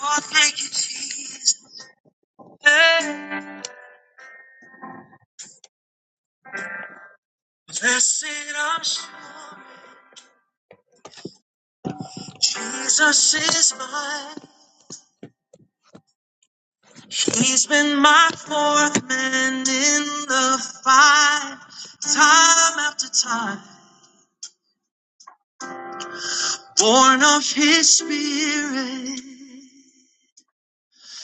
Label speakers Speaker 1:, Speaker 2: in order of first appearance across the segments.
Speaker 1: Oh, thank you, Jesus. Blessed assurance, Jesus is mine. He's been my fourth man in the fight, time after time. Born of His Spirit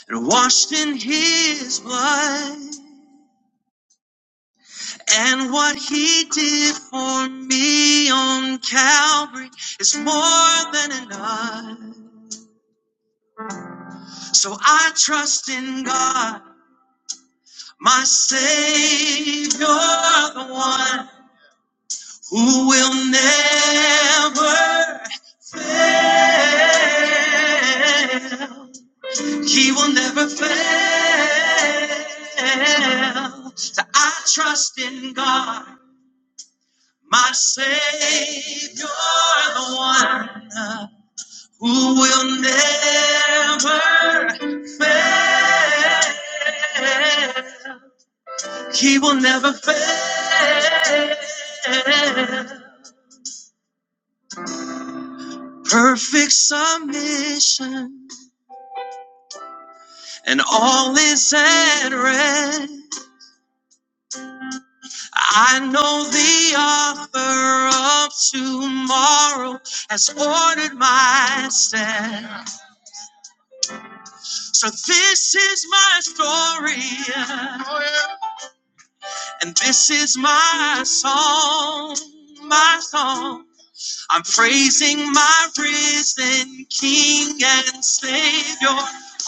Speaker 1: and washed in His blood. And what He did for me on Calvary is more than enough. So I trust in God. My Savior, the one who will never fail. He will never fail. So I trust in God, my Savior, the one uh, who will never fail. He will never fail. Perfect submission, and all is at rest. I know the author of tomorrow has ordered my steps. So this is my story, yeah, and this is my song, my song. I'm praising my risen King and Savior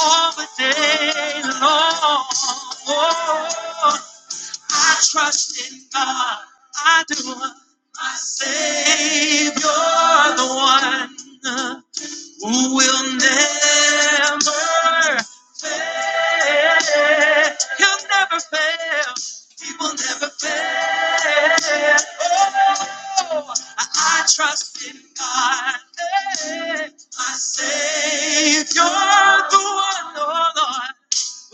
Speaker 1: all the day long. I trust in God, I do. My Savior, the one who will never fail. He'll never fail. He will never fail. Oh, I, trust in God, eh, my Savior, the one, oh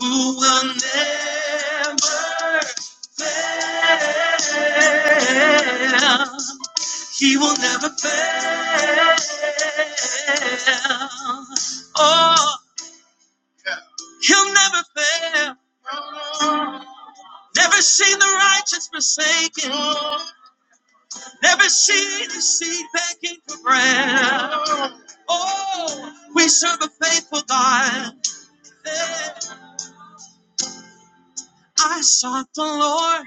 Speaker 1: Lord, who will never fail. He will never fail. Oh, he'll never fail. Never seen the righteous forsaken. Never seen his seed begging for bread. Oh, we serve a faithful God. Yeah. I sought the Lord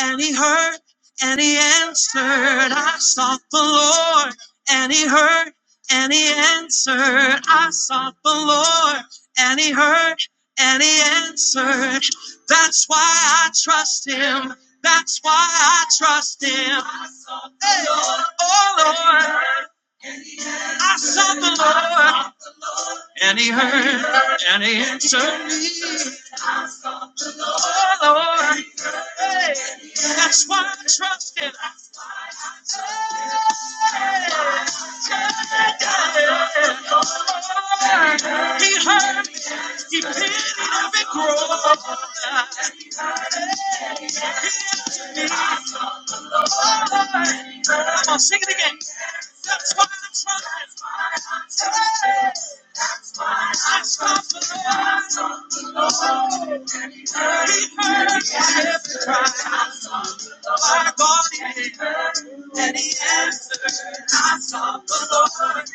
Speaker 1: and he heard and he answered. I sought the Lord and he heard and he answered. I sought the Lord and he heard and he answered. That's why I trust him. That's why I trust him. Oh Lord, I sought the Lord and he heard and he answered me. Oh Lord, hey, that's why I trust him. He heard me. He planted every grove. He heard me. Come on, sing it again. That's why I'm trying. I trust the Lord. He heard me. every cry. Our God heard and he answered. I sought the Lord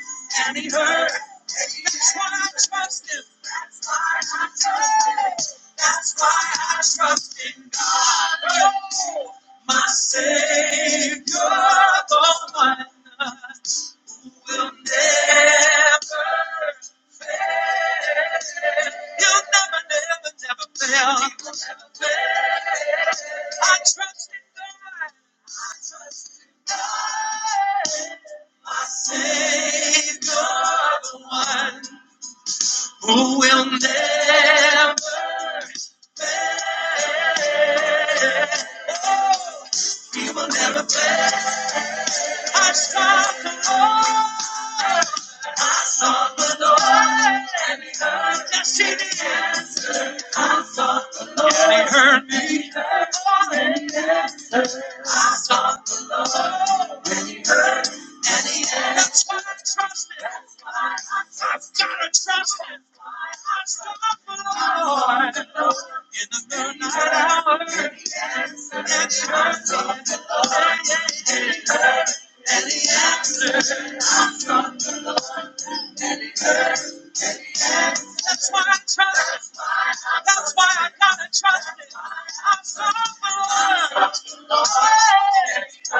Speaker 1: and he heard. That's why I trust him. That's why I trust him. That's why I trust in God. Oh, my Savior, the one will never fail. He'll never, never, never fail. He will never fail. I trust in God. My Savior, the one who will never, he will never fail. I sought the Lord, sought the Lord, and he heard. Yes, he did. Yes, I sought the Lord, and he heard me. I sought, and he heard. That's why I trust him. That's why I trust him. I've got to trust him. That's why I sought the Lord. I sought the Lord In the midnight hour, and he heard me. That's why I trust him. That's why I gotta trust him. I'm so good. Yes, he did.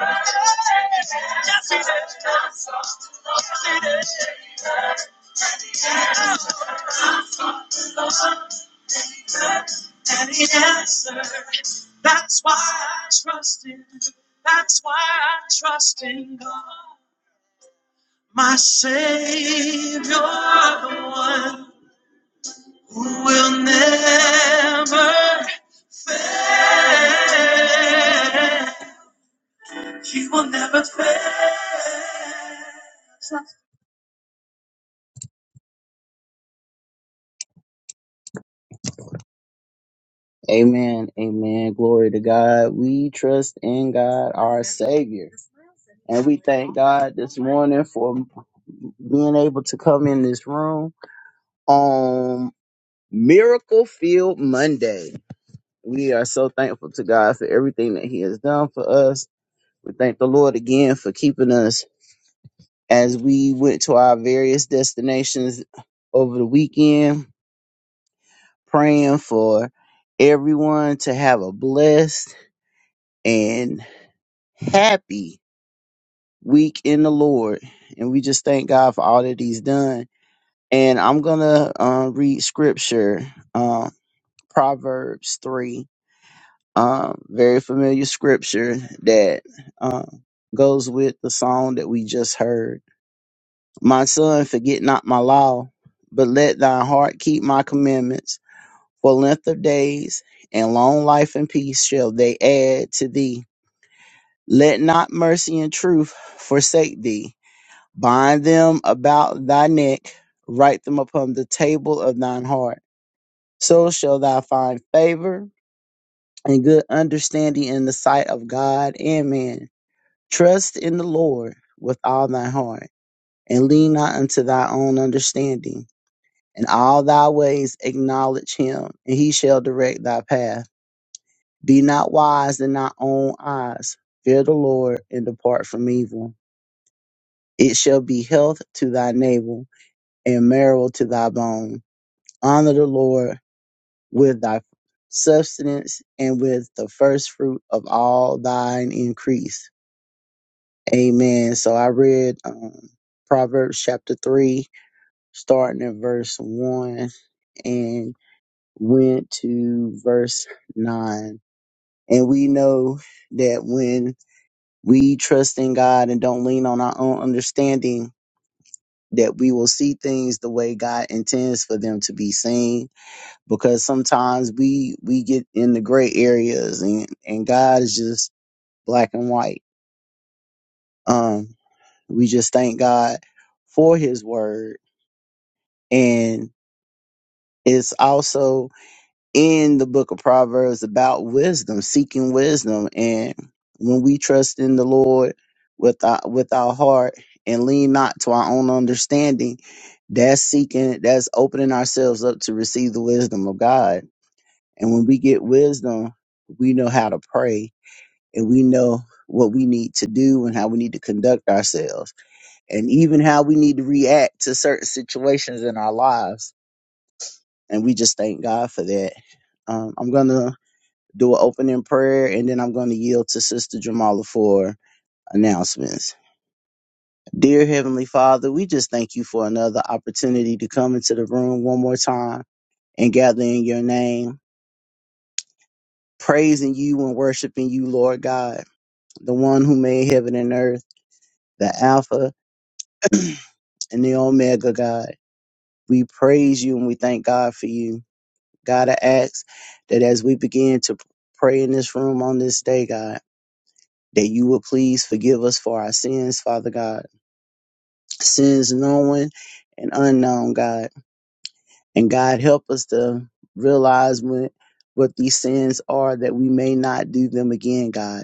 Speaker 1: Yes, he did. And he answered. That's why I trust him. That's why I trust in God. My Savior, the one. who will never fail. She will never fail. Amen. Amen. Glory to God. We trust in God, our Savior. And we thank God this morning for being able to come in this room on Miracle Field Monday. We are so thankful to God for everything that He has done for us. We thank the Lord again for keeping us as we went to our various destinations over the weekend, praying for everyone to have a blessed and happy week in the Lord. And we just thank God for all that He's done. And I'm going to uh, read scripture, uh, Proverbs 3, um, very familiar scripture that uh, goes with the song that we just heard My son, forget not my law, but let thine heart keep my commandments. For length of days and long life and peace shall they add to thee. Let not mercy and truth forsake thee. Bind them about thy neck, write them upon the table of thine heart. So shall thou find favor and good understanding in the sight of God and man. Trust in the Lord with all thy heart, and lean not unto thy own understanding In all thy ways acknowledge him, and he shall direct thy path. Be not wise in thy own eyes. Fear the Lord and depart from evil. It shall be health to thy navel and marrow to thy bone. Honor the Lord with thy substance and with the first fruit of all thine increase. Amen. So I read um, Proverbs chapter 3, starting at verse 1, and went to verse 9. And we know that when we trust in God and don't lean on our own understanding, that we will see things the way God intends for them to be seen. Because sometimes we we get in the gray areas and, and God is just black and white. Um we just thank God for his word. And it's also in the book of Proverbs about wisdom, seeking wisdom. And when we trust in the Lord with our, with our heart and lean not to our own understanding, that's seeking, that's opening ourselves up to receive the wisdom of God. And when we get wisdom, we know how to pray and we know what we need to do and how we need to conduct ourselves and even how we need to react to certain situations in our lives. And we just thank God for that. Um, I'm going to do an opening prayer, and then I'm going to yield to Sister Jamala for announcements. Dear Heavenly Father, we just thank you for another opportunity to come into the room one more time and gather in your name, praising you and worshiping you, Lord God, the one who made heaven and earth, the Alpha and the Omega, God. We praise you and we thank God for you. God, I ask that as we begin to pray in this room on this day, God, that you will please forgive us for our sins, Father God sins known and unknown, God. And God, help us to realize when, what these sins are that we may not do them again, God.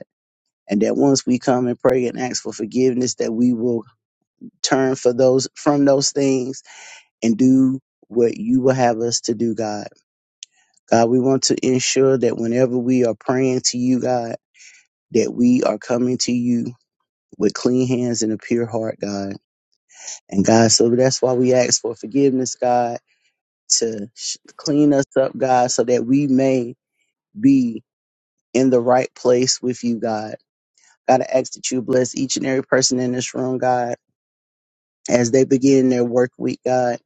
Speaker 1: And that once we come and pray and ask for forgiveness, that we will turn for those from those things and do what you will have us to do, God. God, we want to ensure that whenever we are praying to you, God, that we are coming to you with clean hands and a pure heart, God. And God, so that's why we ask for forgiveness, God to sh- clean us up, God, so that we may be in the right place with you, God. God, I ask that you bless each and every person in this room, God, as they begin their work week, God.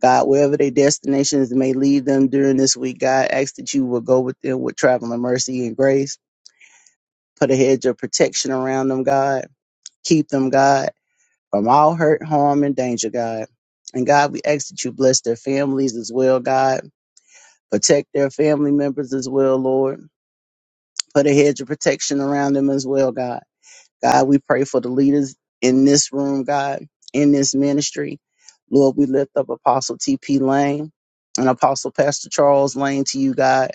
Speaker 1: God, wherever their destinations may lead them during this week, God, I ask that you will go with them with traveling mercy and grace. Put a hedge of protection around them, God. Keep them, God, from all hurt, harm, and danger, God. And God, we ask that you bless their families as well, God. Protect their family members as well, Lord. Put a hedge of protection around them as well, God. God, we pray for the leaders in this room, God, in this ministry. Lord, we lift up Apostle T.P. Lane and Apostle Pastor Charles Lane to you, God,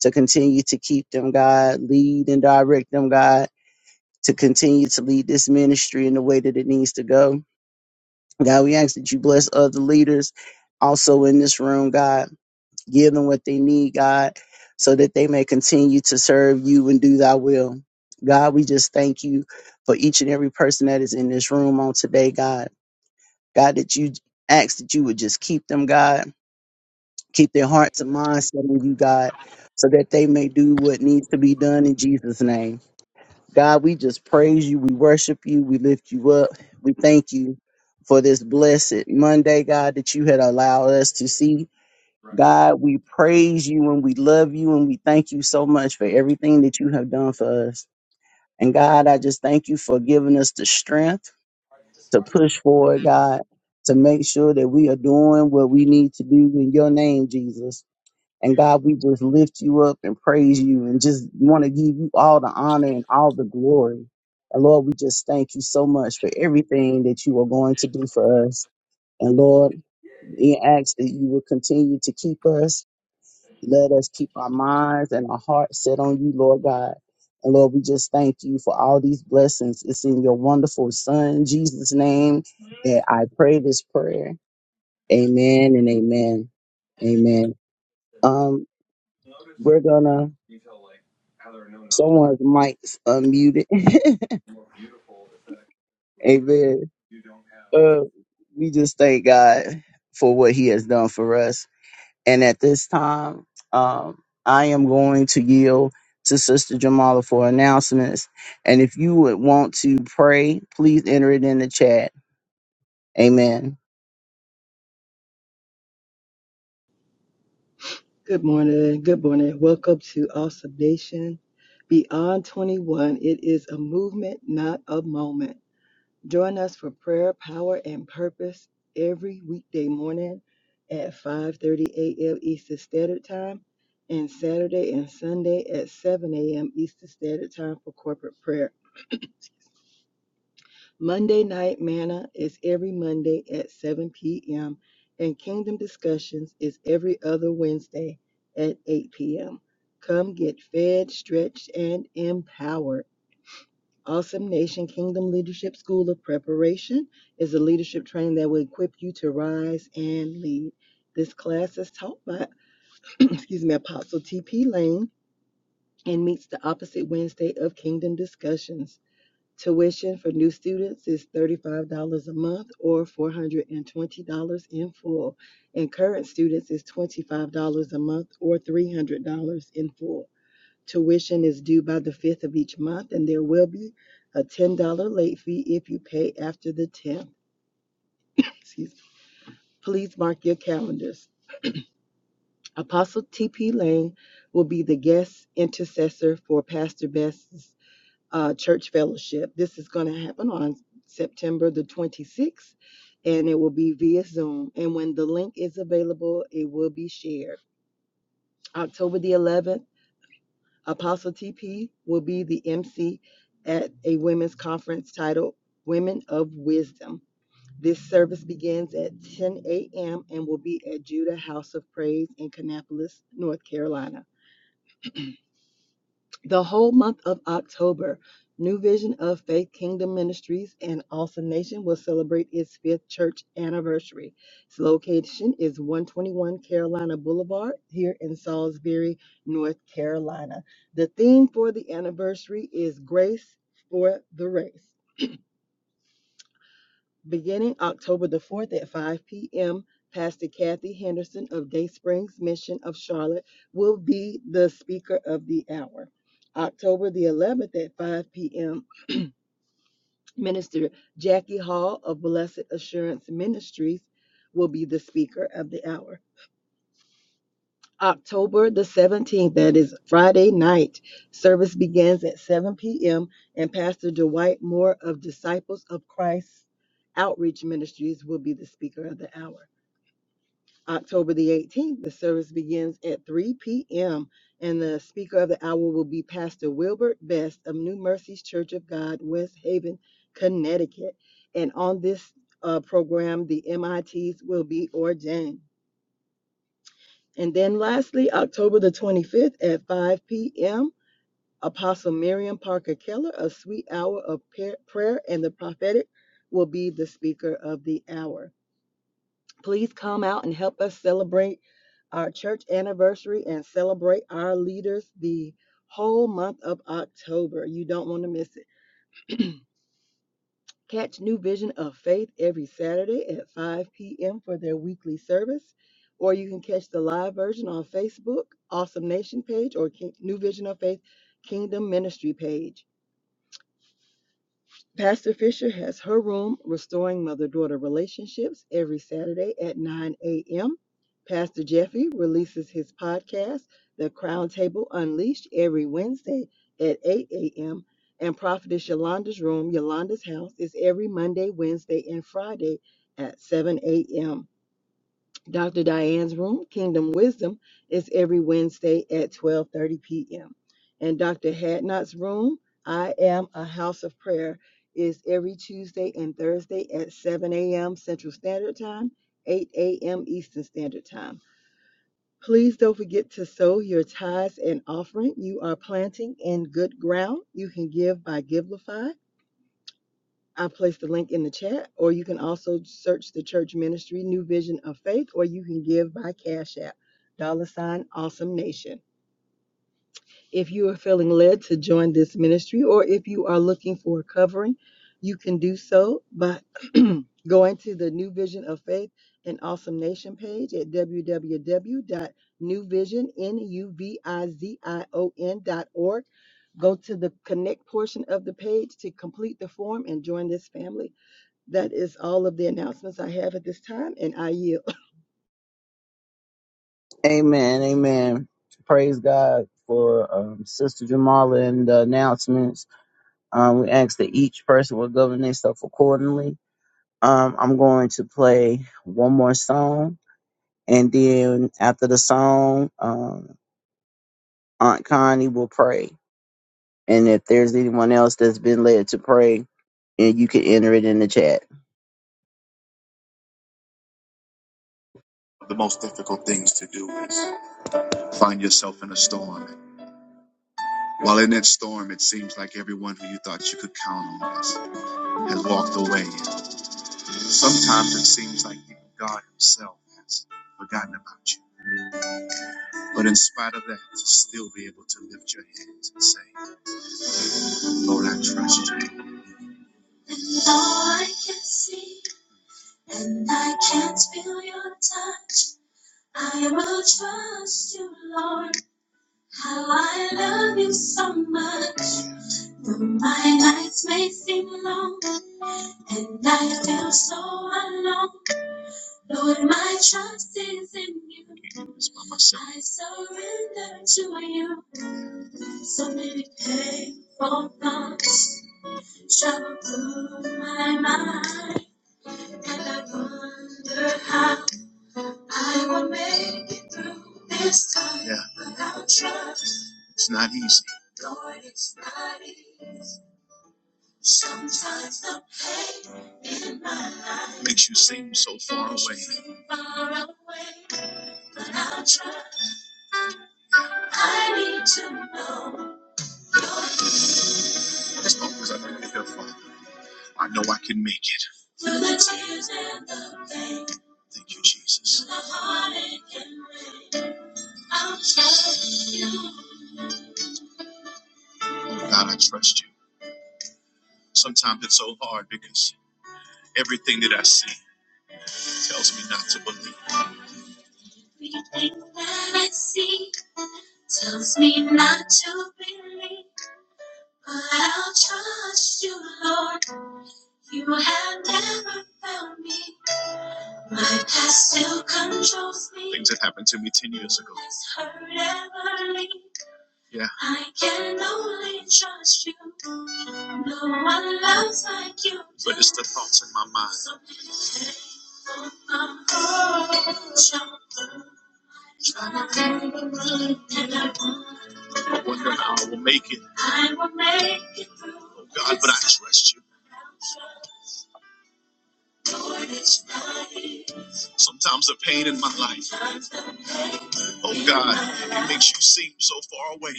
Speaker 1: to continue to keep them, God, lead and direct them, God, to continue to lead this ministry in the way that it needs to go. God, we ask that you bless other leaders also in this room, God. Give them what they need, God, so that they may continue to serve you and do thy will. God, we just thank you for each and every person that is in this room on today, God. God, that you ask that you would just keep them, God, keep their hearts and minds set on you, God, so that they may do what needs to be done in Jesus' name. God, we just praise you, we worship you, we lift you up, we thank you for this blessed Monday, God, that you had allowed us to see.
Speaker 2: Direction.
Speaker 1: God, we praise you and we love you and we thank you so much for everything that you have done for us. And God, I just thank you for giving us the strength to
Speaker 2: Discarded
Speaker 1: push forward, God, to make sure that we are doing what we need to do in your name, Jesus. And
Speaker 2: clear
Speaker 1: God, we just lift you up and praise you and just want to give you all the honor and all the glory. And Lord, we just thank you so much for everything that you are going to do for us. And Lord, we ask that you will continue to keep us let us keep our minds and our hearts set on you, Lord God. And Lord, we just thank you for all these blessings. It's in your wonderful Son, Jesus' name,
Speaker 2: Yes.
Speaker 1: that I pray this prayer. Amen and amen. Amen. Um,
Speaker 2: Notice
Speaker 1: we're gonna
Speaker 2: detail like how there are no knots.
Speaker 1: someone's mic's unmuted.
Speaker 2: More beautiful aesthetic.
Speaker 1: amen.
Speaker 2: you don't have.
Speaker 1: Uh, we just thank God for what He has done for us And at this time, um, I am going to yield to Sister Jamala for announcements. And if you would want to pray, please enter it in the chat. Amen.
Speaker 3: Good morning. Good morning. Welcome to Awesome Nation Beyond 21. It is a movement, not a moment. Join us for prayer, power, and purpose every weekday morning at 5:30 a.m. Eastern Standard Time and Saturday and Sunday at 7 a.m. Eastern Standard Time for corporate prayer. Monday Night Manna is every Monday at 7 p.m., and Kingdom Discussions is every other Wednesday at 8 p.m. Come get fed, stretched, and empowered. Awesome Nation Kingdom Leadership School of Preparation is a leadership training that will equip you to rise and lead. This class is taught by, excuse me, Apostle T.P. Lane and meets the opposite Wednesday of Kingdom Discussions. Tuition for new students is $35 a month or $420 in full, and current students is $25 a month or $300 in full. Tuition is due by the 5th of each month, and there will be a $10 late fee if you pay after the 10th. Excuse me. Please mark your calendars. Apostle T.P. Lane will be the guest intercessor for Pastor Best uh, church fellowship. This is going to happen on September the 26th, and it will be via Zoom. And when the link is available, it will be shared. October the 11th, Apostle TP will be the MC at a women's conference titled Women of Wisdom. This service begins at 10 a.m. and will be at Judah House of Praise in Kannapolis, North Carolina. the whole month of October, New Vision of Faith Kingdom Ministries and Awesome Nation will celebrate its fifth church anniversary. Its location is 121 Carolina Boulevard here in Salisbury, North Carolina. The theme for the anniversary is Grace for the Race. Beginning October the 4th at 5 p.m., Pastor Kathy Henderson of Day Springs Mission of Charlotte will be the speaker of the hour. October the 11th at 5 p.m., Minister Jackie Hall of Blessed Assurance Ministries will be the speaker of the hour. October the 17th, that is Friday night, service begins at 7 p.m., and Pastor Dwight Moore of Disciples of Christ Outreach Ministries will be the speaker of the hour. October the 18th, the service begins at 3 p.m. and the speaker of the hour will be Pastor Wilbert Best of New Mercies Church of God, West Haven, Connecticut. And on this uh, program, the MITs will be ordained. And then lastly, October the 25th at 5 p.m., Apostle Miriam Parker Keller of Sweet Hour of Prayer and the Prophetic will be the speaker of the hour. Please come out and help us celebrate our church anniversary and celebrate our leaders the whole month of October. You don't want to miss it. Catch New Vision of Faith every Saturday at 5 p.m. for their weekly service, or you can catch the live version on Facebook, Awesome Nation page, or King- New Vision of Faith Kingdom Ministry page. Pastor Fisher has her room, Restoring Mother Daughter Relationships, every Saturday at 9 a.m. Pastor Jeffy releases his podcast, The Crown Table Unleashed, every Wednesday at 8 a.m. And Prophetess Yolanda's room, Yolanda's house, is every Monday, Wednesday, and Friday at 7 a.m. Dr. Diane's room, Kingdom Wisdom, is every Wednesday at 12:30 p.m. And Dr. Hadnot's room, I am a house of prayer, is every Tuesday and Thursday at 7 a.m. Central Standard Time, 8 a.m. Eastern Standard Time. Please don't forget to sow your tithes and offering. You are planting in good ground. You can give by Givelify. I placed the link in the chat, or you can also search the church ministry New Vision of Faith, or you can give by Cash App, dollar sign Awesome Nation. If you are feeling led to join this ministry, or if you are looking for a covering, you can do so by going to the New Vision of Faith and Awesome Nation page at www.newvision.org. Go to the connect portion of the page to complete the form and join this family. That is all of the announcements I have at this time, and I yield.
Speaker 1: Amen. Amen. Praise God for um, Sister Jamala and the announcements. Um, we ask that each person will govern themselves accordingly. Um, I'm going to play one more song. And then after the song, um, Aunt Connie will pray. And if there's anyone else that's been led to pray, and you can enter it in the chat.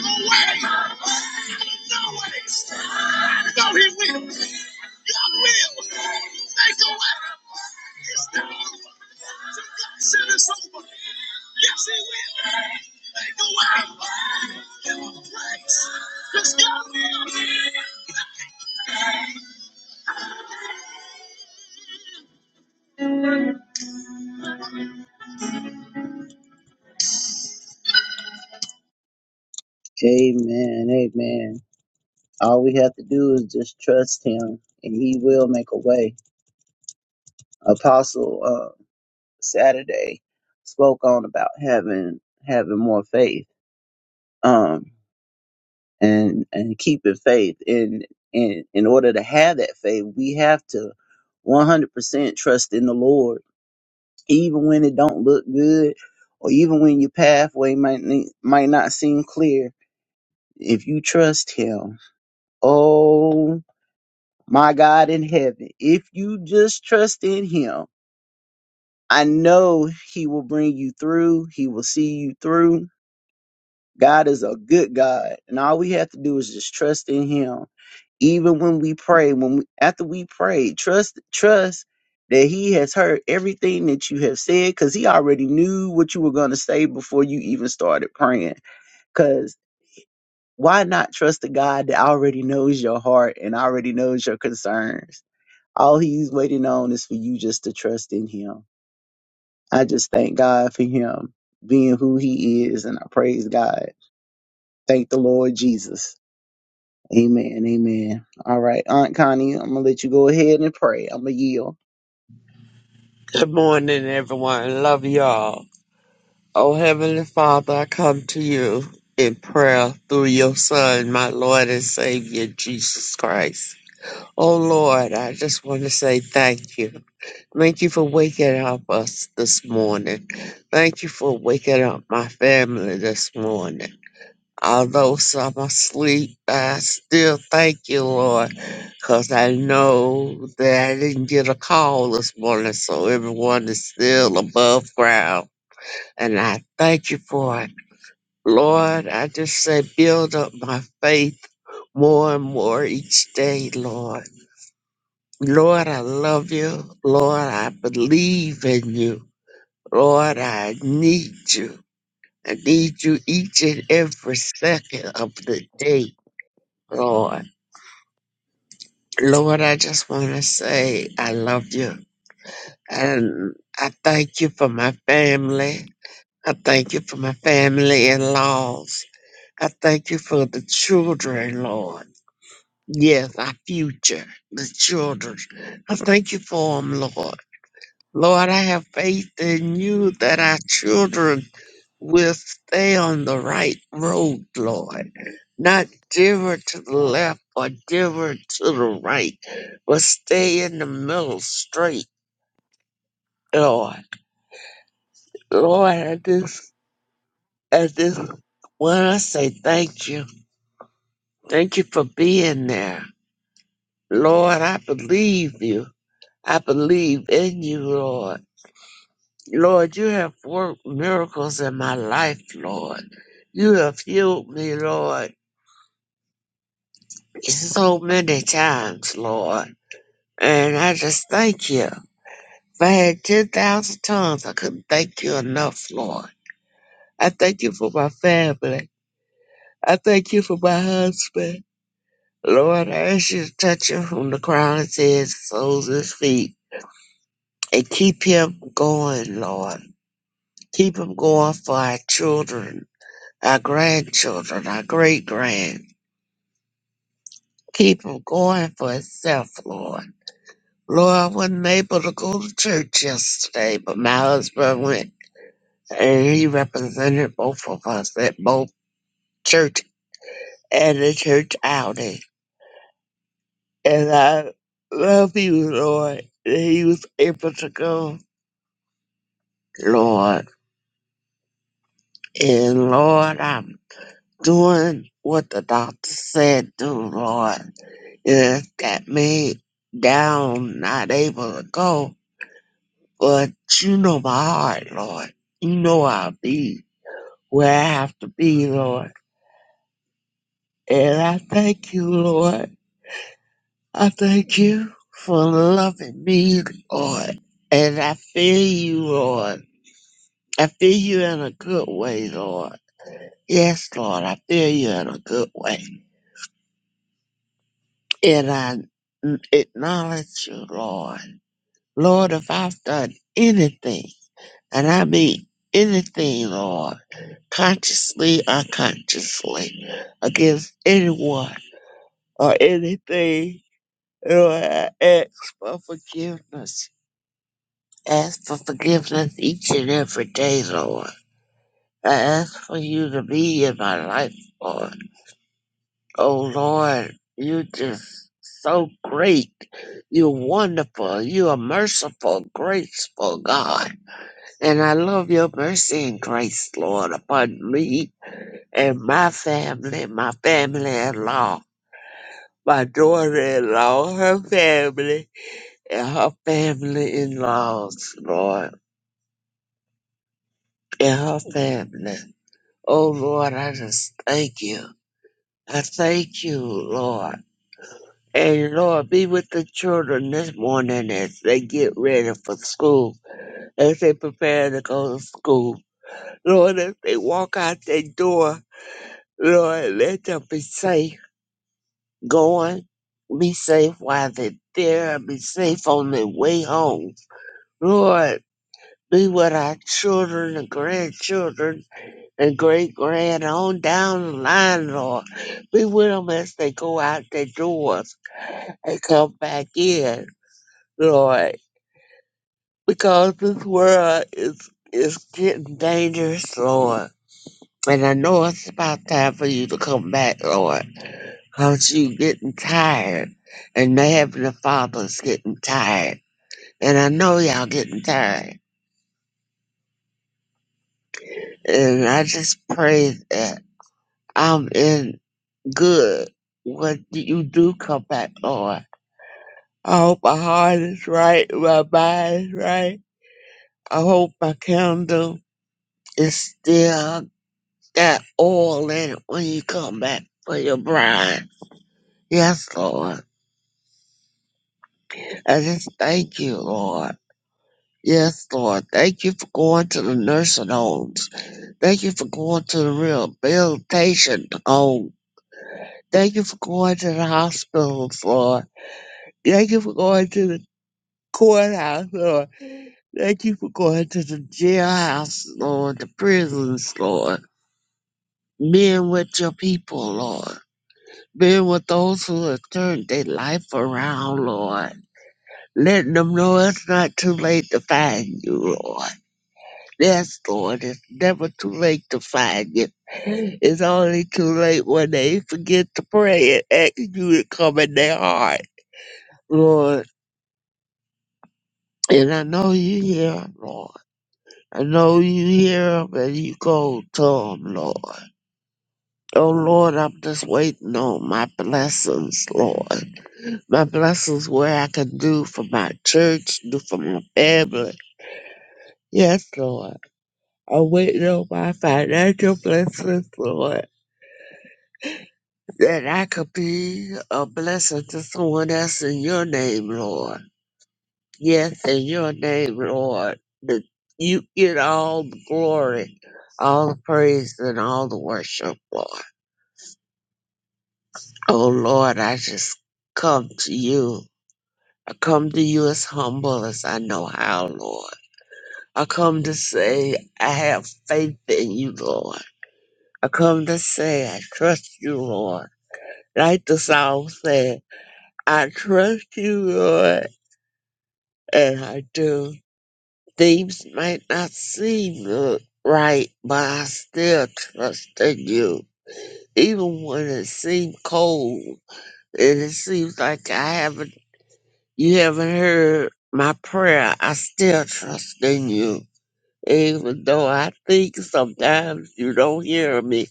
Speaker 1: No No No, Yes, Amen, amen. All we have to do is just trust him, and he will make a way. Apostle uh, Saturday spoke on about having having more faith um, and and keeping faith. And and in order to have that faith, we have to 100% trust in the Lord, even when it don't look good, or even when your pathway might ne- might not seem clear. If you trust Him, oh my God in heaven, if you just trust in Him. I know he will bring you through. He will see you through God is a good God, and all we have to do is just trust in Him. Even when we pray, when we, after we pray, trust trust that He has heard everything that you have said, because He already knew what you were going to say before you even started praying. Because why not trust the God that already knows your heart and already knows your concerns? All He's waiting on is for you just to trust in Him. I just thank God for Him being who He is, and I praise God. Thank the Lord Jesus. Amen. Amen. All right, Aunt Connie, I'm gonna let you go ahead and pray. I'm gonna yield.
Speaker 4: Good morning, everyone. Love y'all. Oh, Heavenly Father, I come to you in prayer through your Son, my Lord and Savior, Jesus Christ. Oh, Lord, I just want to say thank you. Thank you for waking up us this morning. Thank you for waking up my family this morning. Although some are asleep, I still thank you, Lord, because I know that I didn't get a call this morning, so everyone is still above ground. And I thank you for it. Lord, I just say build up my faith more and more each day, Lord. Lord, I love you. Lord, I believe in you. Lord, I need you. I need you each and every second of the day, Lord. Lord, I just want to say I love you. And I thank you for my family. I thank you for my family in laws. I thank you for the children, Lord. Yes, our future, the children. I thank you for them, Lord. Lord, I have faith in you that our children We'll stay on the right road, Lord. Not diver to the left or diver to the right, but stay in the middle straight, Lord. Lord, at this, at this, when I say thank you, thank you for being there. Lord, I believe you. I believe in you, Lord. Lord, you have worked miracles in my life, Lord. You have healed me, Lord, so many times, Lord. And I just thank you. If I had 10,000 tongues, I couldn't thank you enough, Lord. I thank you for my family. I thank you for my husband. Lord, I ask you to touch him from the crown of his head, to the soles of his feet, and keep him going, Lord. Keep him going for our children, our grandchildren, our great grand. Keep him going for himself, Lord. Lord, I wasn't able to go to church yesterday, but my husband went and he represented both of us at both church and the church outing. And I love you, Lord, that he was able to go, Lord. And Lord, I'm doing what the doctor said to, Lord. It got me down, not able to go. But you know my heart, Lord. You know I'll be where I have to be, Lord. And I thank you, Lord. I thank you for loving me, Lord. And I feel you, Lord. I feel you in a good way, Lord. Yes, Lord, I feel you in a good way. And I n- acknowledge you, Lord. Lord, if I've done anything, and I mean anything, Lord, consciously, unconsciously, against anyone or anything, Lord, I ask for forgiveness ask for forgiveness each and every day, Lord. I ask for you to be in my life, Lord. Oh, Lord, you're just so great. You're wonderful. You are merciful, graceful, God. And I love your mercy and grace, Lord, upon me and my family, my family in law, my daughter in law, her family, and her family in laws, Lord, and her family. Oh Lord, I just thank you. I thank you, Lord. And Lord, be with the children this morning as they get ready for school, as they prepare to go to school. Lord, as they walk out their door, Lord, let them be safe going, be safe while they're there, and be safe on their way home. Lord, be with our children and grandchildren and great grand on down the line, Lord. Be with them as they go out their doors and come back in, Lord. Because this world is is getting dangerous, Lord. And I know it's about time for you to come back, Lord. Cause you getting tired. And the Heavenly Father's getting tired. And I know y'all getting tired. And I just pray that I'm in good when you do come back, Lord I hope my heart is right, my mind is right. I hope my candle is still got oil in it when you come back for your bride. Yes, Lord. I just thank you, Lord. Yes, Lord. Thank you for going to the nursing homes. Thank you for going to the rehabilitation home. Thank you for going to the hospitals, Lord. Thank you for going to the courthouse, Lord. Thank you for going to the jailhouse, Lord, the prisons, Lord. Being with your people, Lord. Being with those who have turned their life around, Lord. Letting them know it's not too late to find you, Lord. Yes, Lord, it's never too late to find you. It's only too late when they forget to pray and ask you to come in their heart, Lord. And I know you hear 'em, Lord. I know you hear 'em and you go to 'em, Lord. Oh Lord, I'm just waiting on my blessings, Lord. My blessings where I can do for my church, do for my family. Yes, Lord. I'm waiting on my financial blessings, Lord. That I could be a blessing to someone else in your name, Lord. Yes, in your name, Lord. That you get all the glory, all the praise, and all the worship, Lord. Oh Lord, I just come to you. I come to you as humble as I know how, Lord. I come to say I have faith in you, Lord. I come to say I trust you, Lord. Like the song said, I trust you, Lord, and I do. Things might not seem look right, but I still trust in you. Even when it seems cold and it seems like I haven't, you haven't heard my prayer, I still trust in you. Even though I think sometimes you don't hear me,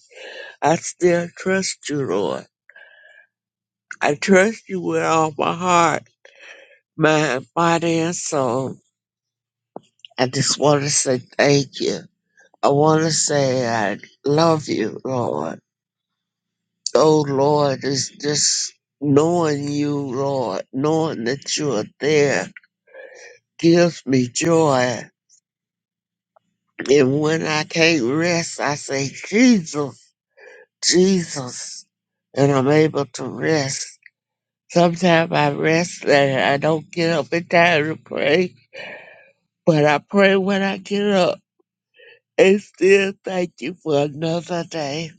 Speaker 4: I still trust you, Lord. I trust you with all my heart, mind, body, and soul. I just want to say thank you. I want to say I love you, Lord. Oh, Lord, it's just knowing you, Lord, knowing that you are there gives me joy. And when I can't rest, I say, Jesus, Jesus, and I'm able to rest. Sometimes I rest and I don't get up in time to pray, but I pray when I get up. And still thank you for another day.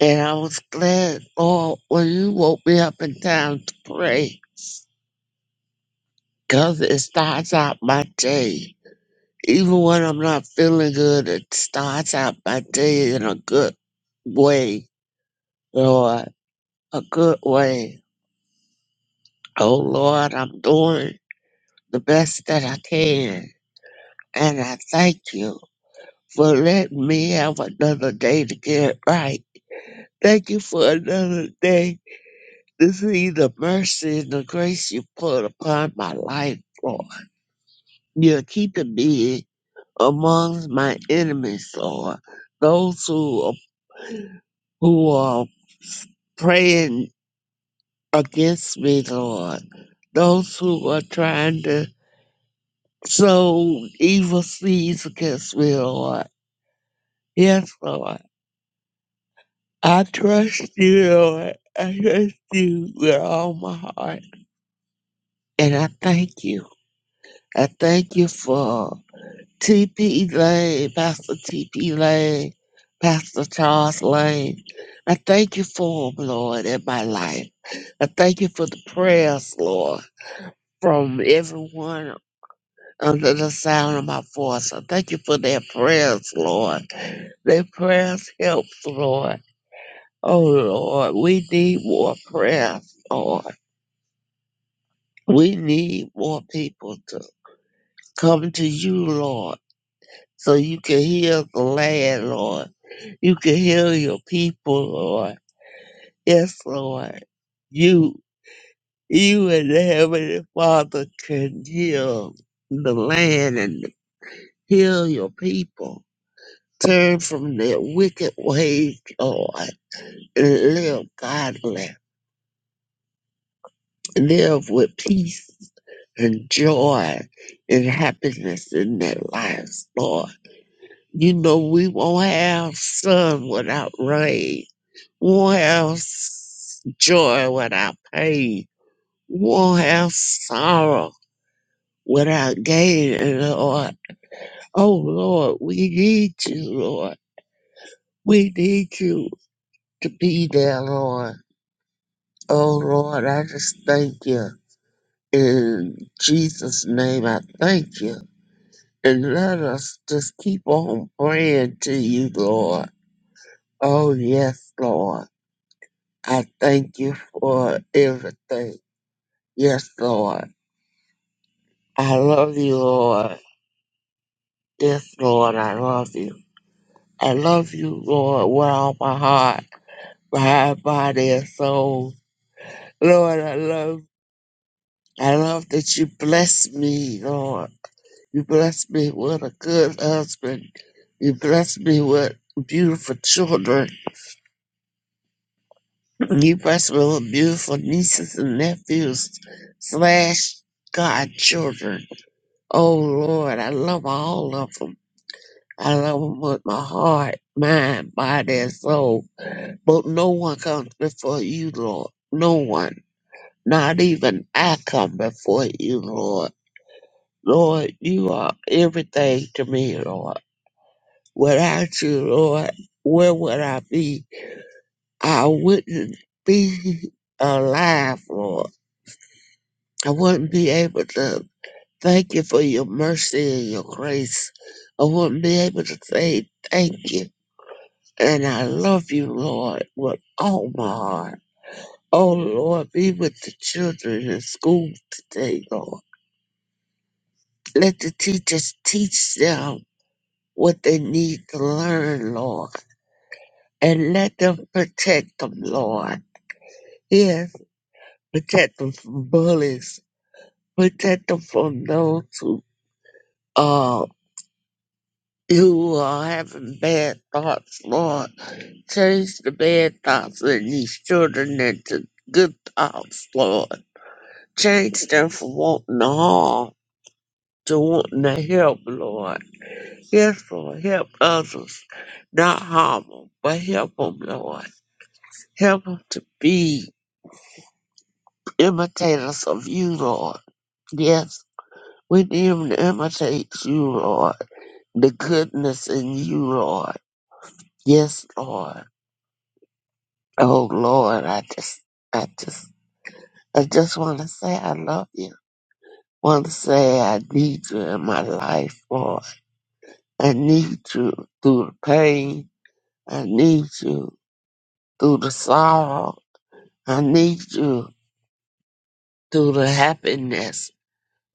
Speaker 4: And I was glad, Lord, when you woke me up in time to pray, cause it starts out my day. Even when I'm not feeling good, it starts out my day in a good way, Lord, a good way. Oh, Lord, I'm doing the best that I can. And I thank you. for letting me have another day to get it right. Thank you for another day to see the mercy and the grace you put upon my life, Lord. You're keeping me amongst my enemies, Lord. Those who are, who are praying against me, Lord. Those who are trying to sow evil seeds against me, Lord. Yes, Lord. I trust you, Lord. I trust you with all my heart. And I thank you. I thank you for TP Lane, Pastor TP Lane, Pastor Charles Lane. I thank you for them, Lord, in my life. I thank you for the prayers, Lord, from everyone under the sound of my voice. I thank you for their prayers, Lord. Their prayers helps, Lord. Oh Lord, we need more prayers, Lord. We need more people to come to you, Lord, so you can heal the land, Lord. You can heal your people, Lord. Yes, Lord. You, you and the Heavenly Father can heal the land and heal your people. Turn from their wicked ways, Lord, and live godly. live with peace and joy and happiness in their lives, Lord. You know, we won't have sun without rain. We won't have s- joy without pain. We won't have sorrow without gain, and Lord. Oh, Lord, we need you, Lord. We need you to be there, Lord. Oh, Lord, I just thank you. In Jesus' name, I thank you. and let us just keep on praying to you, Lord. Oh, yes, Lord. I thank you for everything. Yes, Lord. I love you, Lord. Yes, Lord, I love you. I love you, Lord, with all my heart, mind, body, and soul. Lord, I love I love that you bless me, Lord. You bless me with a good husband. You bless me with beautiful children. You bless my little beautiful nieces and nephews slash godchildren. Oh Lord, I love all of them. I love them with my heart, mind, body, and soul. But no one comes before you, Lord. No one. Not even I come before you, Lord. Lord, you are everything to me, Lord. Without you, Lord, where would I be? I wouldn't be alive, Lord. I wouldn't be able to thank you for your mercy and your grace. I wouldn't be able to say thank you. And I love you, Lord, with all my heart. Oh, Lord, be with the children in school today, Lord. Let the teachers teach them what they need to learn, Lord. And let them protect them, Lord. Yes, protect them from bullies. Protect them from those who uh, You are having bad thoughts, Lord. Change the bad thoughts in these children into good thoughts, Lord. Change them from wanting to harm to wanting to help, Lord. Yes, Lord, help others, not harm them, but help them, Lord. Help them to be imitators of you, Lord. Yes, we need them to imitate you, Lord. The goodness in you, Lord. Yes, Lord. Oh Lord, I just, I just, I just want to say I love you. Want to say I need you in my life, Lord. I need you through the pain. I need you through the sorrow. I need you through the happiness.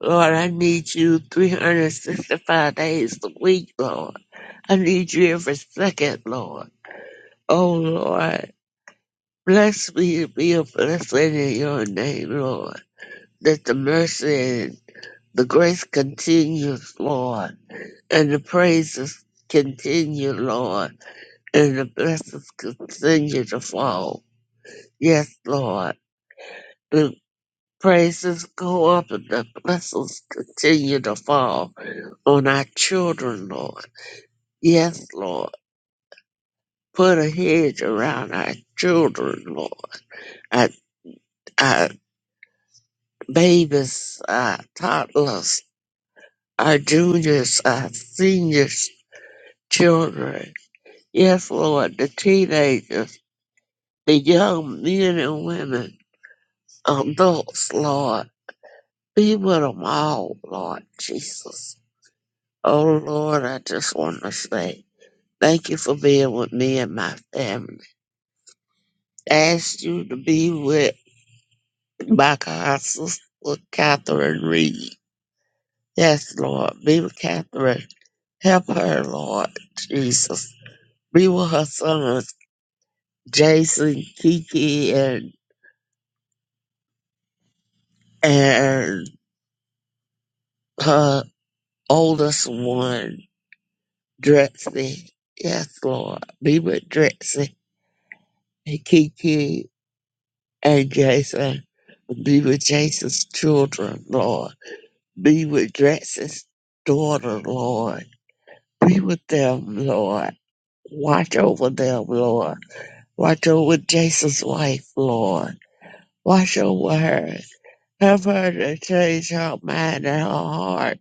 Speaker 4: Lord, I need you 365 days a week, Lord. I need you every second, Lord. Oh Lord, bless me to be a blessing in your name, Lord that the mercy The grace continues, Lord, and the praises continue, Lord, and the blessings continue to fall. Yes, Lord, the praises go up and the blessings continue to fall on our children, Lord. Yes, Lord, put a hedge around our children, Lord, our, our babies, our toddlers, our juniors, our seniors, children. Yes, Lord, the teenagers. the young men and women, adults, Lord. Be with them all, Lord Jesus. Oh, Lord, I just want to say thank you for being with me and my family. Ask you to be with my God, sister Catherine Reed. Yes, Lord. Be with Catherine. Help her, Lord Jesus. Be with her sons, Jason, Kiki, and, and her oldest one. Drexy. Yes, Lord. Be with Drexy and Kiki and Jason. Be with Jason's children, Lord. Be with Drexy's daughter, Lord. Be with them, Lord. Watch over them, Lord. Watch over Jason's wife, Lord. Watch over her. Help her to change her mind and her heart.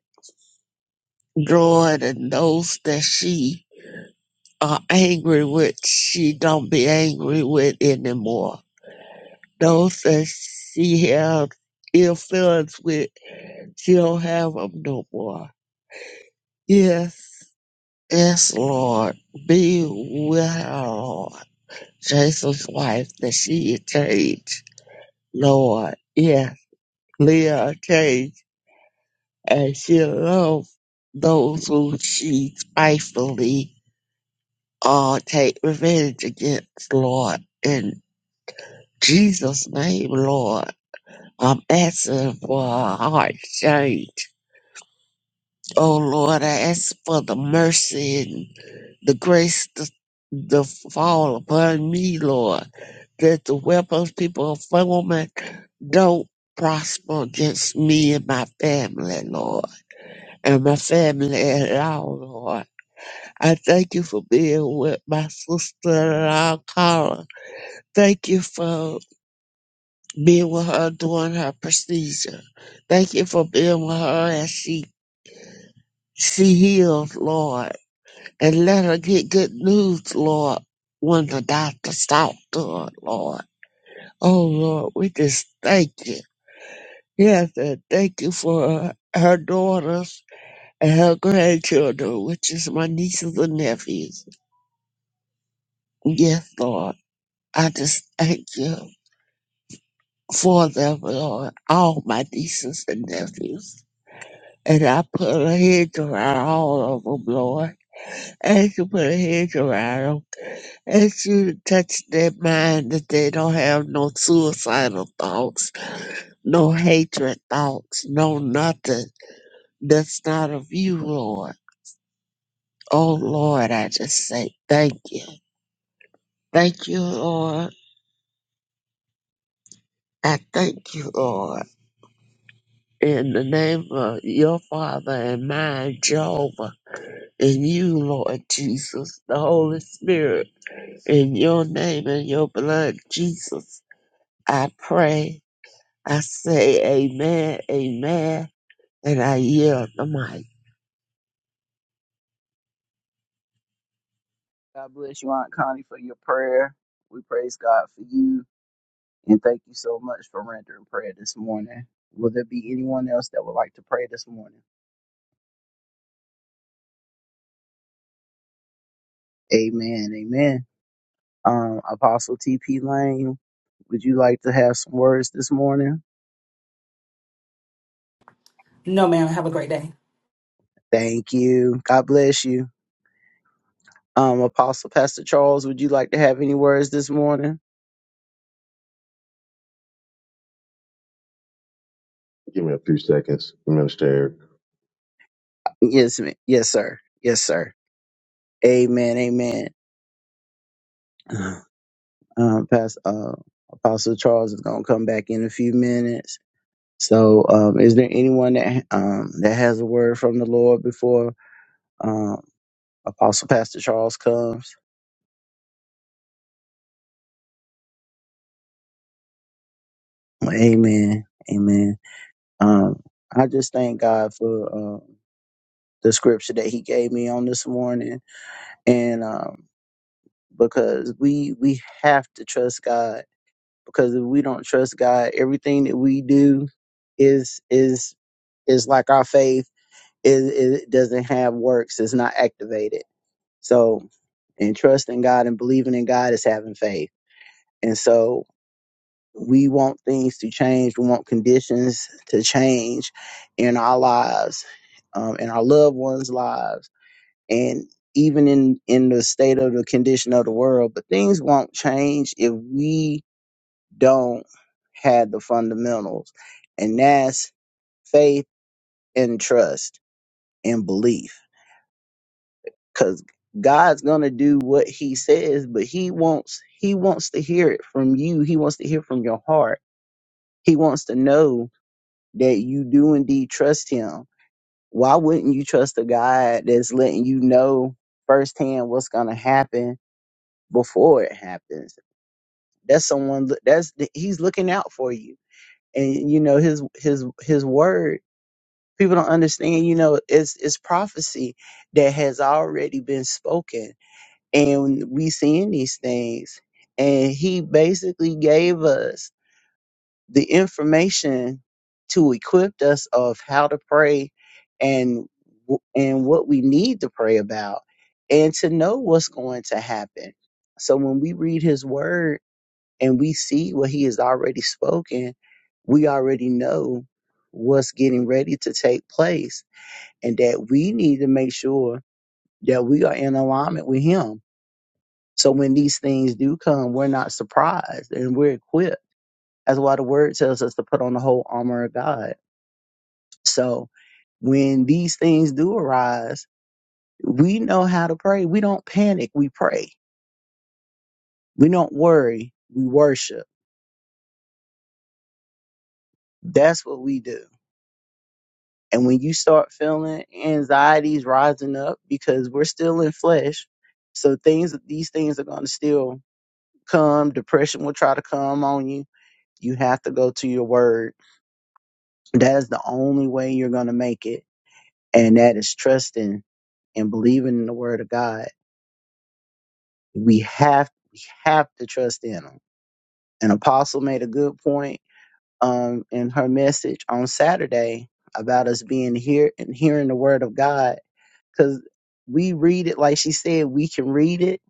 Speaker 4: Lord, and those that she are angry with, she don't be angry with anymore. Those that she have ill feelings with, she don't have them no more. Yes, yes, Lord, be with her, Lord. Jesus' wife, that she is changed, Lord. Yes, Leah changed, and she love those who she spitefully uh, take revenge against, Lord. In Jesus' name, Lord, I'm asking for a heart change Oh Lord, I ask for the mercy and the grace to, to fall upon me, Lord, that the weapons people are forming don't prosper against me and my family, Lord, and my family at all, Lord. I thank you for being with my sister-in-law, Cara. Thank you for being with her during her procedure. Thank you for being with her as she she heals, Lord. and let her get good news, Lord, when the doctors talk to her, Lord. Oh, Lord, we just thank you. Yes, and thank you for her, daughters and her grandchildren, which is my nieces and nephews. Yes, Lord, I just thank you for them, Lord, all my nieces and nephews. And I put a hedge around all of them, Lord. And you put a hedge around 'em As you touch their mind that they don't have no suicidal thoughts, no hatred thoughts, no nothing that's not of you, Lord. Oh Lord, I just say thank you. Thank you, Lord. I thank you, Lord. In the name of your Father and mine, Jehovah, and you, Lord Jesus, the Holy Spirit, in your name and your blood, Jesus, I pray. I say amen, amen, And I yield the mic.
Speaker 1: God bless you, Aunt Connie, for your prayer. We praise God for you and thank you so much for rendering prayer this morning. Will there be anyone else that would like to pray this morning? Amen. Amen. Um, Apostle TP Lane, would you like to have some words this morning?
Speaker 5: No, ma'am. Have a great day.
Speaker 1: Thank you. God bless you. Um, Apostle Pastor Charles, would you like to have any words this morning?
Speaker 6: Give me a few seconds, Minister. Eric.
Speaker 1: Yes, ma- yes, sir. Yes, sir. Amen. Amen. Uh, Pastor, uh, Apostle Charles is going to come back in a few minutes. So, um, is there anyone that um, that has a word from the Lord before um, Apostle Pastor Charles comes? Amen. Amen. Um, I just thank God for uh, the scripture that He gave me on this morning, and um, because we we have to trust God. Because if we don't trust God, everything that we do is is is like our faith it, it doesn't have works. It's not activated. So, and trusting God and believing in God is having faith. And so, we want things to change. We want conditions to change in our lives, um, in our loved ones' lives, and even in in the state of the condition of the world. But things won't change if we don't have the fundamentals, and that's faith and trust and belief Cause God's gonna do what he says, but he wants he wants to hear it from you. He wants to hear from your heart. He wants to know that you do indeed trust him. Why wouldn't you trust a God that's letting you know firsthand what's gonna happen before it happens? That's someone that's he's looking out for you. And you know, his his his word. People don't understand, you know, it's it's prophecy that has already been spoken and we seeing these things and he basically gave us the information to equip us of how to pray and w- and what we need to pray about and to know what's going to happen so when we read his word and we see what he has already spoken we already know what's getting ready to take place and that we need to make sure that we are in alignment with him so when these things do come, we're not surprised and we're equipped. That's why the word tells us to put on the whole armor of God. So when these things do arise, we know how to pray. We don't panic, we pray. We don't worry, we worship. That's what we do. And when you start feeling anxieties rising up because we're still in flesh, so things these things are going to still come, depression will try to come on you. You have to go to your word That is the only way you're going to make it. And that is trusting and believing in the word of God. We have, we have to trust in him. An apostle made a good point, um, in her message on Saturday about us being here and hearing the word of God. Cause we read it, like she said, we can read it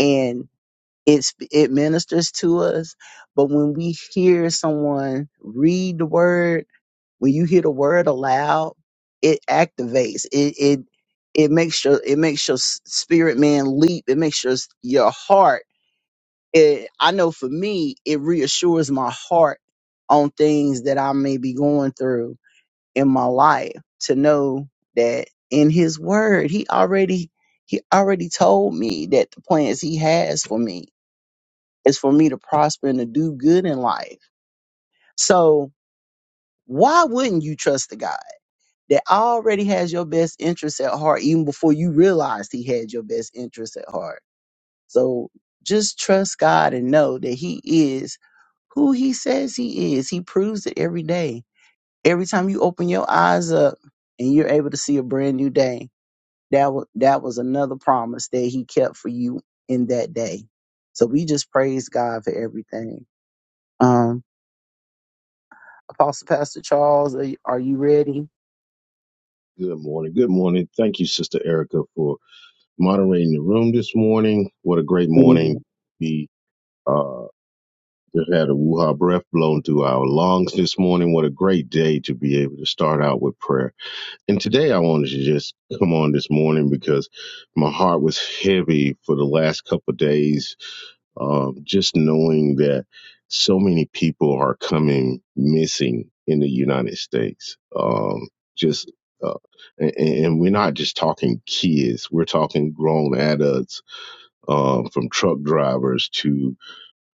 Speaker 1: and it's, it ministers to us. But when we hear someone read the word When you hear the word aloud, it activates. It it it makes your it makes your s- spirit man leap. It makes your s- your heart. It, I know for me, it reassures my heart on things that I may be going through in my life to know that in His Word, He already He already told me that the plans He has for me is for me to prosper and to do good in life. So why wouldn't you trust the God? that already has your best interest at heart even before you realized he had your best interest at heart. So just trust God and know that he is who he says he is. He proves it every day. Every time you open your eyes up and you're able to see a brand new day, that was that was another promise that he kept for you in that day. So we just praise God for everything. Um Apostle Pastor Charles, are you, are you ready?
Speaker 6: Good morning. Good morning. Thank you, Sister Erica, for moderating the room this morning. What a great morning.
Speaker 1: Amen.
Speaker 6: We uh, just had a woo-ha breath blown through our lungs this morning. What a great day to be able to start out with prayer. And today I wanted to just come on this morning because my heart was heavy for the last couple of days Um, just knowing that so many people are coming missing in the United States. Um, just uh, and, and we're not just talking kids; we're talking grown adults, um, from truck drivers to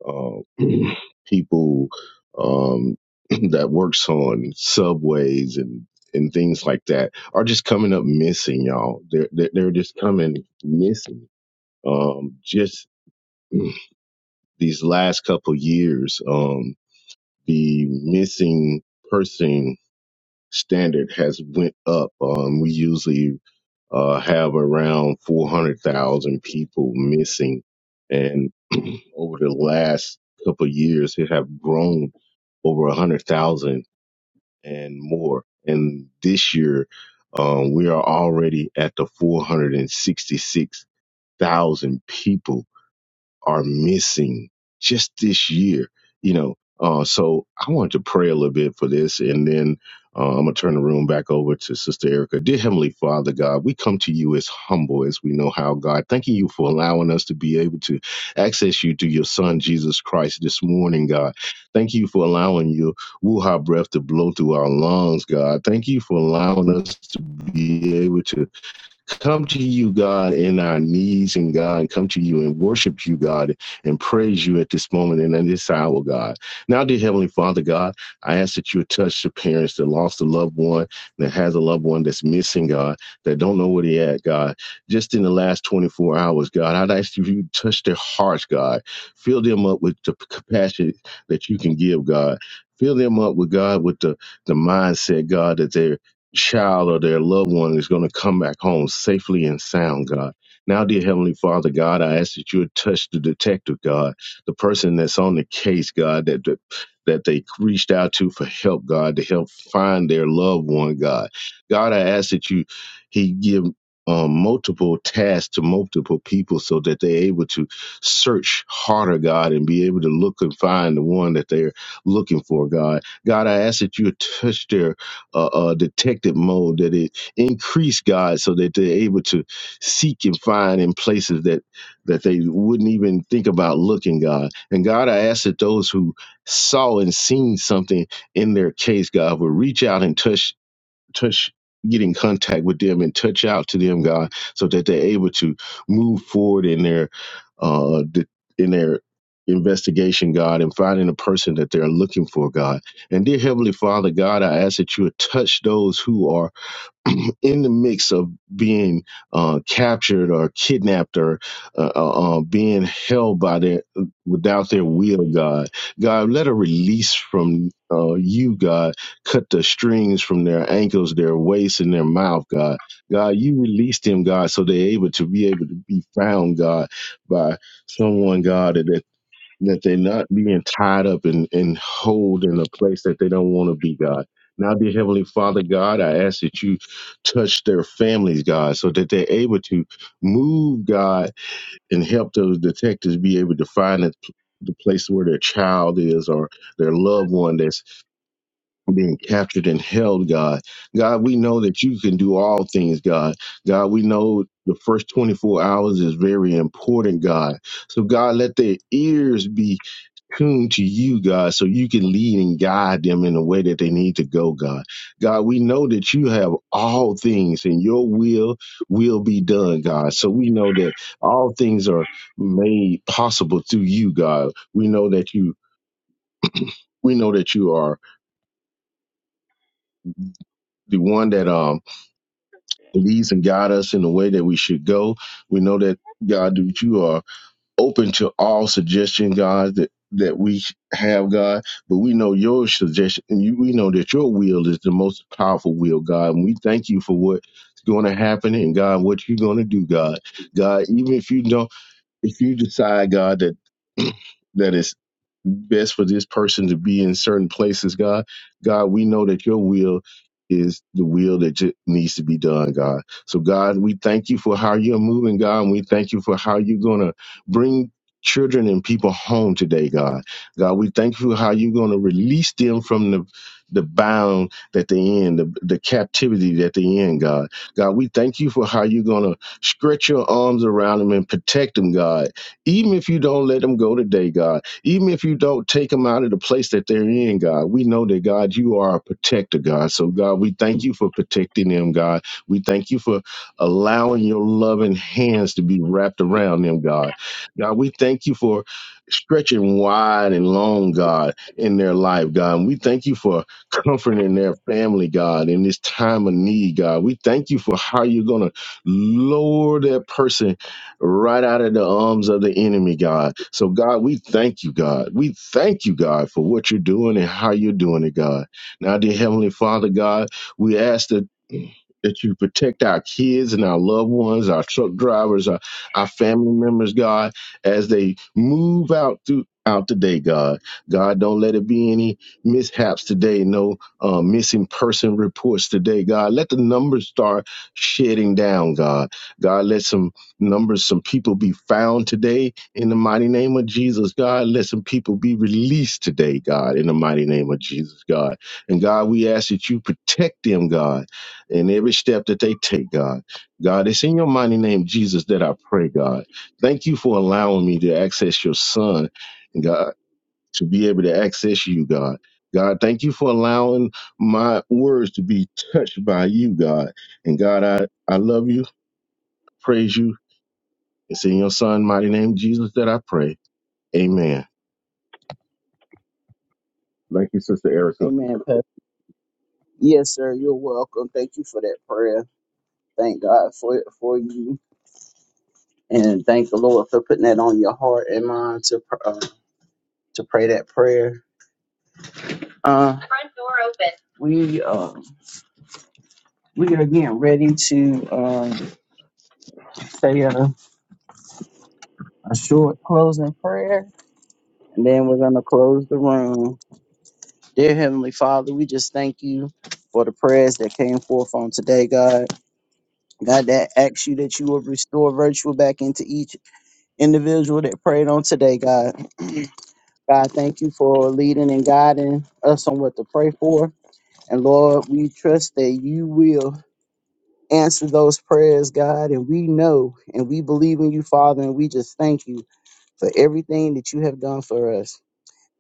Speaker 6: uh, people um, that works on subways and and things like that are just coming up missing, y'all. They're they're, they're just coming missing. Um, just these last couple years, um, the missing person standard has went up. Um, we usually uh, have around 400,000 people missing, and over the last couple of years, it have grown over 100,000 and more. And this year, um, we are already at the 466,000 people are missing just this year, you know. Uh, so I wanted to pray a little bit for this, and then uh, I'm gonna turn the room back over to Sister Erica. Dear Heavenly Father, God, we come to you as humble as we know how. God, thanking you for allowing us to be able to access you through your Son Jesus Christ this morning, God. Thank you for allowing your wuha breath to blow through our lungs, God. Thank you for allowing us to be able to come to you, God, in our needs, and God, come to you and worship you, God, and praise you at this moment and at this hour, God. Now, dear Heavenly Father, God, I ask that you would touch the parents that lost a loved one, that has a loved one that's missing, God, that don't know where they at, God. Just in the last 24 hours, God, I'd ask you if you touch their hearts, God. Fill them up with the compassion that you can give, God. Fill them up with God with the, the mindset, God, that they're child or their loved one is going to come back home safely and sound, God. Now, dear Heavenly Father, God, I ask that you would touch the detective, God, the person that's on the case, God, that that, that they reached out to for help, God, to help find their loved one, God. God, I ask that you He give um, multiple tasks to multiple people so that they're able to search harder, God, and be able to look and find the one that they're looking for, God. God, I ask that you touch their uh, uh, detective mode, that it increased God so that they're able to seek and find in places that that they wouldn't even think about looking, God. And God, I ask that those who saw and seen something in their case, God, would reach out and touch touch get in contact with them and touch out to them god so that they're able to move forward in their uh th- in their investigation god and finding the person that they're looking for god and dear heavenly father god i ask that you would touch those who are in the mix of being uh, captured or kidnapped or uh, uh, uh, being held by their without their will, God, God, let a release from uh, you, God, cut the strings from their ankles, their waist, and their mouth, God, God, you release them, God, so they're able to be able to be found, God, by someone, God, that they're not being tied up and, and hold in a place that they don't want to be, God. Now, dear Heavenly Father, God, I ask that you touch their families, God, so that they're able to move, God, and help those detectives be able to find the, the place where their child is or their loved one that's being captured and held, God. God, we know that you can do all things, God. God, we know the first 24 hours is very important, God. So, God, let their ears be tuned to you, God, so you can lead and guide them in the way that they need to go, God. God, we know that you have all things and your will will be done, God. So we know that all things are made possible through you, God. We know that you we know that you are the one that um leads and guide us in the way that we should go. We know that God, that you are open to all suggestion, God, that that we have, God, but we know your suggestion, and you, we know that your will is the most powerful will, God. And we thank you for what's going to happen, and God, what you're going to do, God. God, even if you don't, if you decide, God, that that is best for this person to be in certain places, God. God, we know that your will is the will that ju- needs to be done, God. So, God, we thank you for how you're moving, God, and we thank you for how you're going to bring children and people home today, God. God, we thank you for how you're going to release them from the the bound that they in, the, the captivity that they in, God. God, we thank you for how you're going to stretch your arms around them and protect them, God even if you don't let them go today, God, even if you don't take them out of the place that they're in, God, we know that, God, you are a protector, God. So, God, we thank you for protecting them, God. We thank you for allowing your loving hands to be wrapped around them, God. God, we thank you for stretching wide and long, God, in their life, God. And we thank you for comforting their family, God, in this time of need, God. We thank you for how you're going to lower that person right out of the arms of the enemy, God. So, God, we thank you, God. We thank you, God, for what you're doing and how you're doing it, God. Now, dear Heavenly Father, God, we ask that. That you protect our kids and our loved ones, our truck drivers, our, our family members, God, as they move out through out today, God. God, don't let it be any mishaps today, no uh, missing person reports today, God. Let the numbers start shedding down, God. God, let some numbers some people be found today in the mighty name of jesus god let some people be released today god in the mighty name of jesus god and god we ask that you protect them god in every step that they take god god it's in your mighty name jesus that i pray god thank you for allowing me to access your son and god to be able to access you god God, thank you for allowing my words to be touched by you, God. And God, I, I love you, praise you, it's in your son, mighty name, Jesus, that I pray. Amen. Thank you, Sister Erica.
Speaker 1: Amen. Yes, sir. You're welcome. Thank you for that prayer. Thank God for for you, and thank the Lord for putting that on your heart and mind to pr- uh, to pray that prayer. Uh, we uh, we are getting ready to um, say a, a short closing prayer, and then we're gonna close the room. Dear Heavenly Father, we just thank you for the prayers that came forth on today, God. God, that asks you that you will restore virtue back into each individual that prayed on today, God. God, thank you for leading and guiding us on what to pray for. And Lord, we trust that you will answer those prayers, God. And we know and we believe in you, Father. And we just thank you for everything that you have done for us.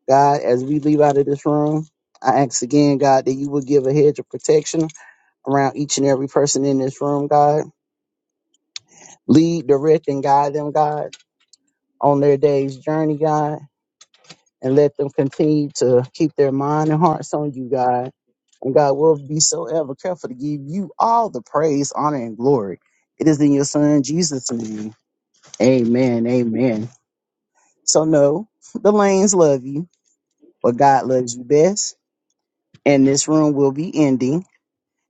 Speaker 1: God, as we leave out of this room, I ask again, God, that you will give a hedge of protection around each and every person in this room, God. Lead, direct, and guide them, God, on their day's journey, God. and let them continue to keep their mind and hearts on you, God. And God will be so ever careful to give you all the praise, honor, and glory. It is in your son Jesus' name. Amen. Amen. So no, the lanes love you, but God loves you best. And this room will be ending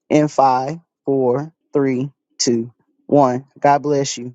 Speaker 1: in five, four, three, two, one. God bless you.